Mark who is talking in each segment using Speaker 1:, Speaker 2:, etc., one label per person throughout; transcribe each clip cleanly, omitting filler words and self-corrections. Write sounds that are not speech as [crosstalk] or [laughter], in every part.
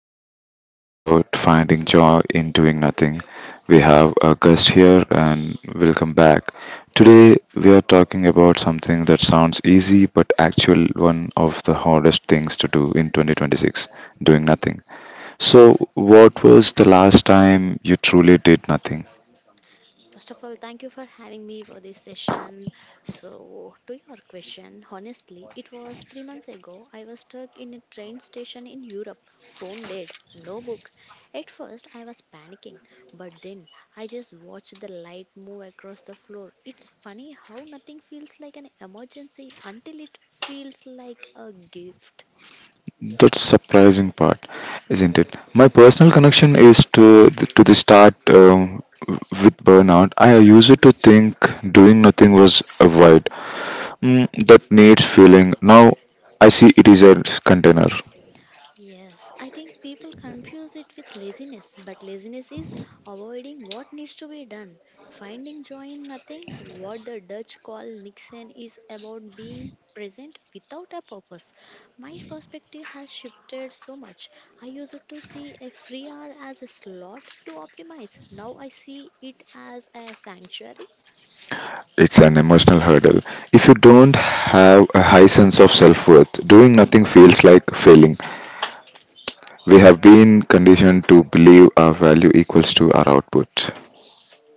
Speaker 1: are going to discuss about finding joy in doing nothing. We have a guest here and welcome back. Today we are talking about something that sounds easy but actual one of the hardest things to do in 2026, doing nothing. So, what was the last time you truly did nothing?
Speaker 2: First of all, thank you for having me for this session. So, to your question, honestly, it was 3 months ago. I was stuck in a train station in Europe, phone dead, no book. At first, I was panicking, but then I just watched the light move across the floor. It's funny how nothing feels like an emergency until it feels like a gift.
Speaker 1: That's surprising part, isn't it? My personal connection is to the start with burnout. I used to think doing nothing was a void that needs filling. Now I see it is a container.
Speaker 2: Yes, I think people confuse it with laziness, but laziness is avoiding what needs to be done. Finding joy in nothing, what the Dutch call Nixon, is about being present without a purpose. My perspective has shifted so much. I used to see a free hour as a slot to optimize. Now I see it as a sanctuary.
Speaker 1: It's an emotional hurdle. If you don't have a high sense of self worth, doing nothing feels like failing. We have been conditioned to believe our value equals to our output.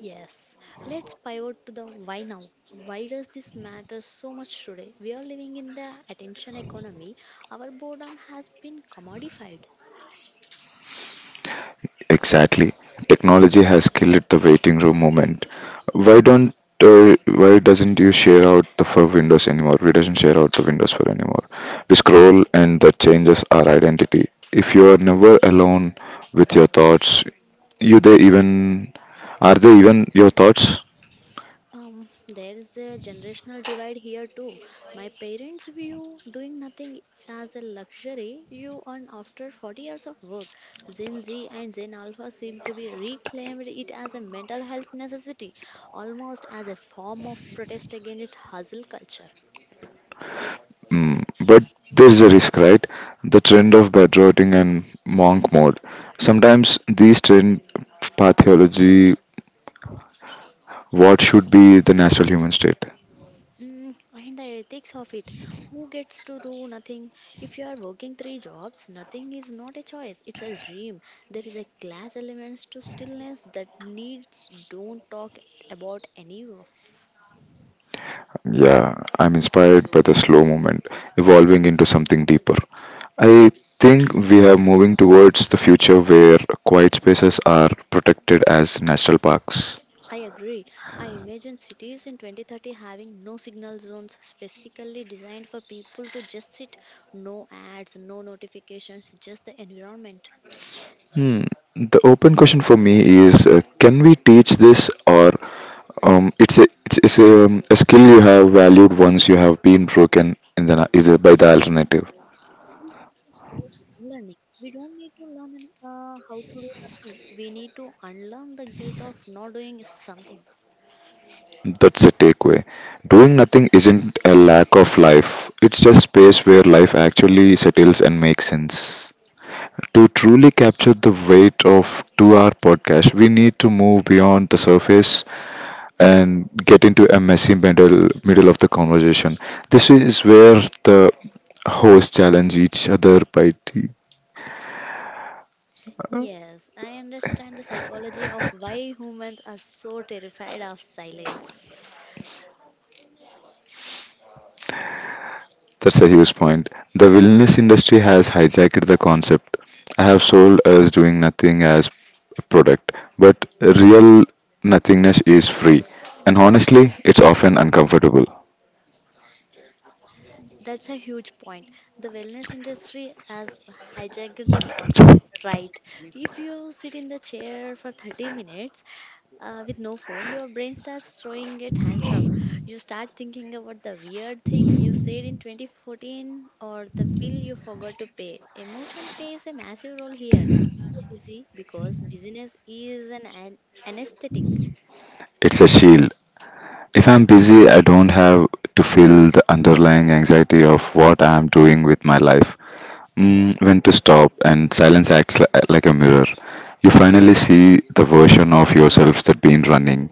Speaker 2: Yes, let's pivot to the why now. Why does this matter so much today? We are living in the attention economy. Our boredom has been commodified.
Speaker 1: Exactly. Technology has killed the waiting room moment. Why don't why doesn't you share out the for windows anymore? We doesn't share out the windows for anymore. We scroll and that changes our identity. If you are never alone with your thoughts, you they even are they even your thoughts?
Speaker 2: There is a generational divide here too. My parents view doing nothing as a luxury you earn after 40 years of work. Gen Z and Gen Alpha seem to be reclaimed it as a mental health necessity, almost as a form of protest against hustle culture.
Speaker 1: Mm, but there's a risk, right? The trend of bedrotting and monk mode. Sometimes these trend pathology what should be the natural human state.
Speaker 2: Mm, and the ethics of it. Who gets to do nothing? If you are working three jobs, nothing is not a choice. It's a dream. There is a class elements to stillness that needs don't talk about any of.
Speaker 1: Yeah, I'm inspired by the slow movement evolving into something deeper. I think we are moving towards the future where quiet spaces are protected as national parks.
Speaker 2: I agree. I imagine cities in 2030 having no signal zones specifically designed for people to just sit, no ads, no notifications, just the environment.
Speaker 1: Hmm. The open question for me is can we teach this or it's a skill you have valued once you have been broken in the, na- is a, by the alternative.
Speaker 2: Skill unlearning. We don't need to learn how to do nothing. We need to unlearn the guilt of not doing something.
Speaker 1: That's a takeaway. Doing nothing isn't a lack of life. It's just space where life actually settles and makes sense. To truly capture the weight of two-hour podcast, we need to move beyond the surface and get into a messy middle of the conversation. This is where the hosts challenge each other by tea.
Speaker 2: Yes, I understand the psychology of why humans are so terrified of silence.
Speaker 1: That's a huge point. The wellness industry has hijacked the concept. I have sold us doing nothing as a product, but real nothingness is free, and honestly, it's often uncomfortable.
Speaker 2: That's a huge point. The wellness industry has hijacked the concept, right? If you sit in the chair for 30 minutes with no phone, your brain starts throwing a tantrum. You start thinking about the weird thing you said in 2014 or the bill you forgot to pay. Emotion plays a massive role here. We stay busy because business is an anesthetic.
Speaker 1: It's a shield. If I'm busy, I don't have to feel the underlying anxiety of what I'm doing with my life. Mm, when to stop, and silence acts like a mirror. You finally see the version of yourselves that been running.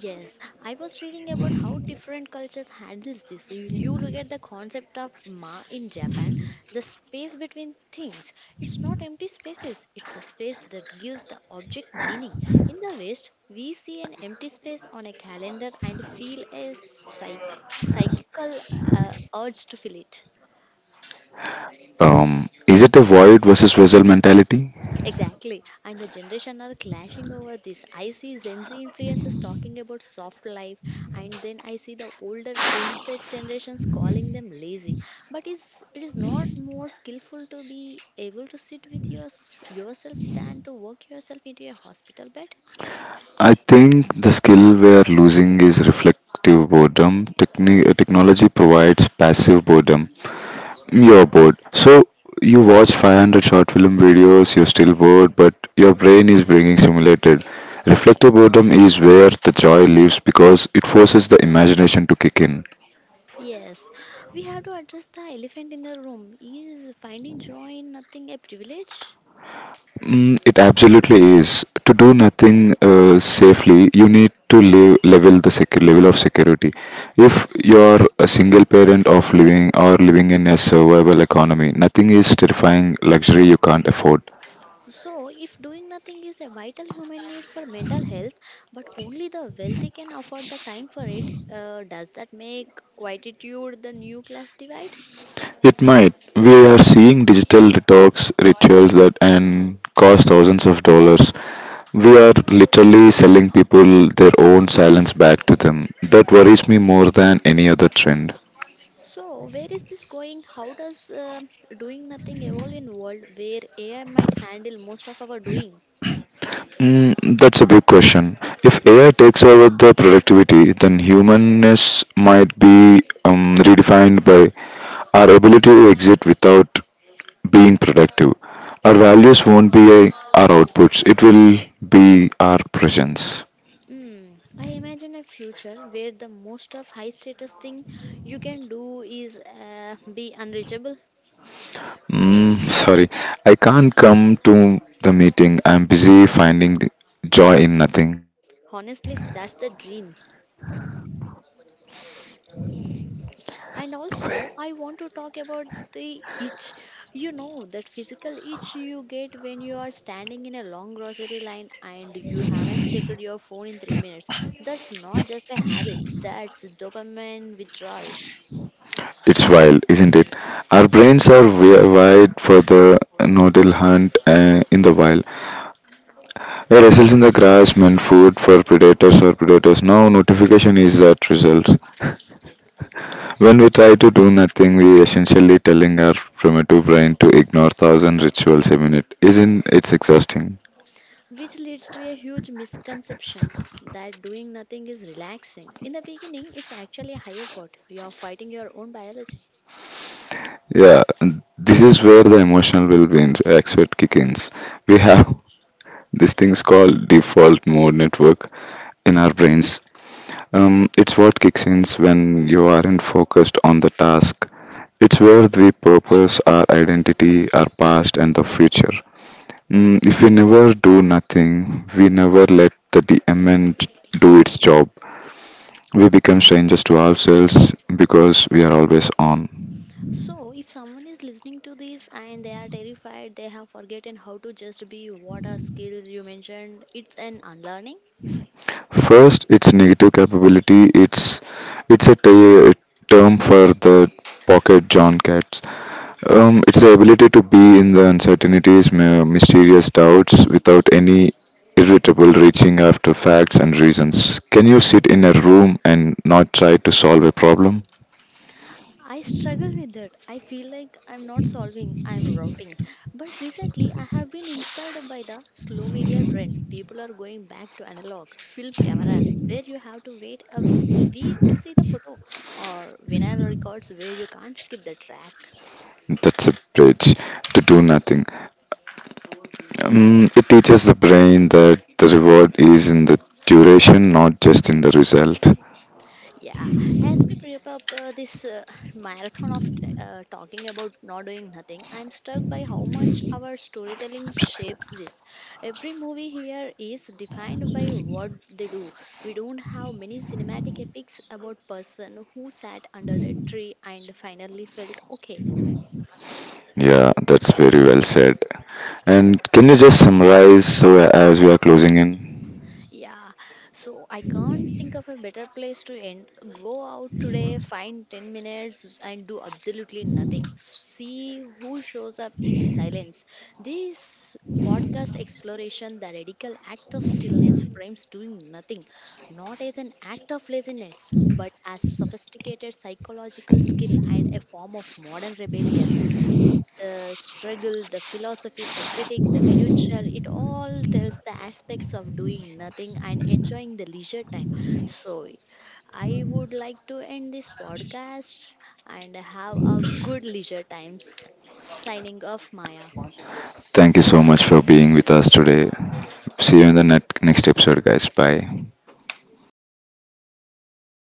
Speaker 2: Yes, I was reading about how different cultures handles this. You look at the concept of ma in Japan, the space between things. It's not empty spaces. It's a space that gives the object meaning. In the West, we see an empty space on a calendar and feel a psychical uh, urge to fill it.
Speaker 1: Is it a void versus vessel mentality?
Speaker 2: Exactly. And the generation are clashing over this. I see Gen Z influencers talking about soft life and then I see the older mindset generations calling them lazy. But is it is not more skillful to be able to sit with yourself than to work yourself into a hospital bed?
Speaker 1: I think the skill we're losing is reflective boredom. Technology provides passive boredom. You're bored. So you watch 500 short film videos, you're still bored, but your brain is being stimulated. Reflective boredom is where the joy lives because it forces the imagination to kick in.
Speaker 2: Yes. We have to address the elephant in the room. Is finding joy in nothing a privilege?
Speaker 1: Mm, it absolutely is. To do nothing safely, you need to live, level the level of security. If you're a single parent of living or living in a survival economy, nothing is terrifying luxury you can't afford.
Speaker 2: So, if doing nothing is a vital human need for mental health, but only the wealthy can afford the time for it, does that make quietude the new class divide?
Speaker 1: It might. We are seeing digital detox rituals that and cost thousands of dollars. We are literally selling people their own silence back to them. That worries me more than any other trend.
Speaker 2: So, where is this going? How does doing nothing evolve in world where AI might handle most of our doing?
Speaker 1: Mm, that's a big question. If AI takes over the productivity, then humanness might be redefined by our ability to exit without being productive. Our values won't be our outputs, it will be our presence.
Speaker 2: Hmm. I imagine a future where the most of high status thing you can do is be unreachable.
Speaker 1: Mm, sorry, I can't come to the meeting. I'm busy finding the joy in nothing.
Speaker 2: Honestly, that's the dream.
Speaker 1: No
Speaker 2: And
Speaker 1: way.
Speaker 2: also, I want to talk about the itch. You know, that physical itch you get when you are standing in a long grocery line and you haven't checked your phone in 3 minutes. That's not just a habit, that's dopamine withdrawal,
Speaker 1: It's wild, isn't it? Our brains are wired for the nodal hunt in the wild. We wrestle in the grass, meant food for predators or predators. Now notification is that results. When we try to do nothing, we essentially telling our primitive brain to ignore thousand rituals a minute. Isn't it exhausting?
Speaker 2: which leads to a huge misconceptions that doing nothing is relaxing. In the beginning, it's actually a high effort. You are fighting your own biology.
Speaker 1: Yeah, and this is where the emotional well-being aspect kick in. We have these things called default mode network in our brains. It's what kicks in when you aren't focused on the task. It's where we purpose our identity, our past, and the future. Mm, if we never do nothing, we never let the DMN do its job. We become strangers to ourselves because we are always on.
Speaker 2: So, if someone is listening to this and they are terrified, they have forgotten how to just be, what are skills you mentioned? It's an unlearning.
Speaker 1: First, its negative capability. It's term for the pocket John cats. It's the ability to be in the uncertainties, mysterious doubts, without any irritable reaching after facts and reasons. Can you sit in a room and not try to solve a problem?
Speaker 2: I struggle with that. I feel like I'm not solving, I'm rotting. But recently, I have been inspired by the slow media trend. People are going back to analog film cameras where you have to wait a week to see the photo, or vinyl records where you can't skip the track.
Speaker 1: That's a bridge to do nothing. It teaches the brain that the reward is in the duration, not just in the result.
Speaker 2: Yeah, as we prep up this [laughs] marathon of talking about not doing nothing, I'm struck by how much our storytelling shapes this. Every movie here is defined by what they do. We don't have many cinematic epics about person who sat under a tree and finally felt okay.
Speaker 1: Yeah, that's very well said. And can you just summarize so as we are closing in?
Speaker 2: Yeah, so I can't think of a better place to end. Go out today, find 10 minutes, and do absolutely nothing. See who shows up in silence. This podcast exploration, the radical act of stillness, frames doing nothing, not as an act of laziness, but as sophisticated psychological skill and a form of modern rebellion. The struggle, the philosophy, the critic, the future, it all tells the aspects of doing nothing and enjoying the leisure time. So, I would like to end this podcast and have a good leisure times. Signing off, Maya.
Speaker 1: Thank you so much for being with us today. See you in the net, next episode, guys. Bye. [laughs]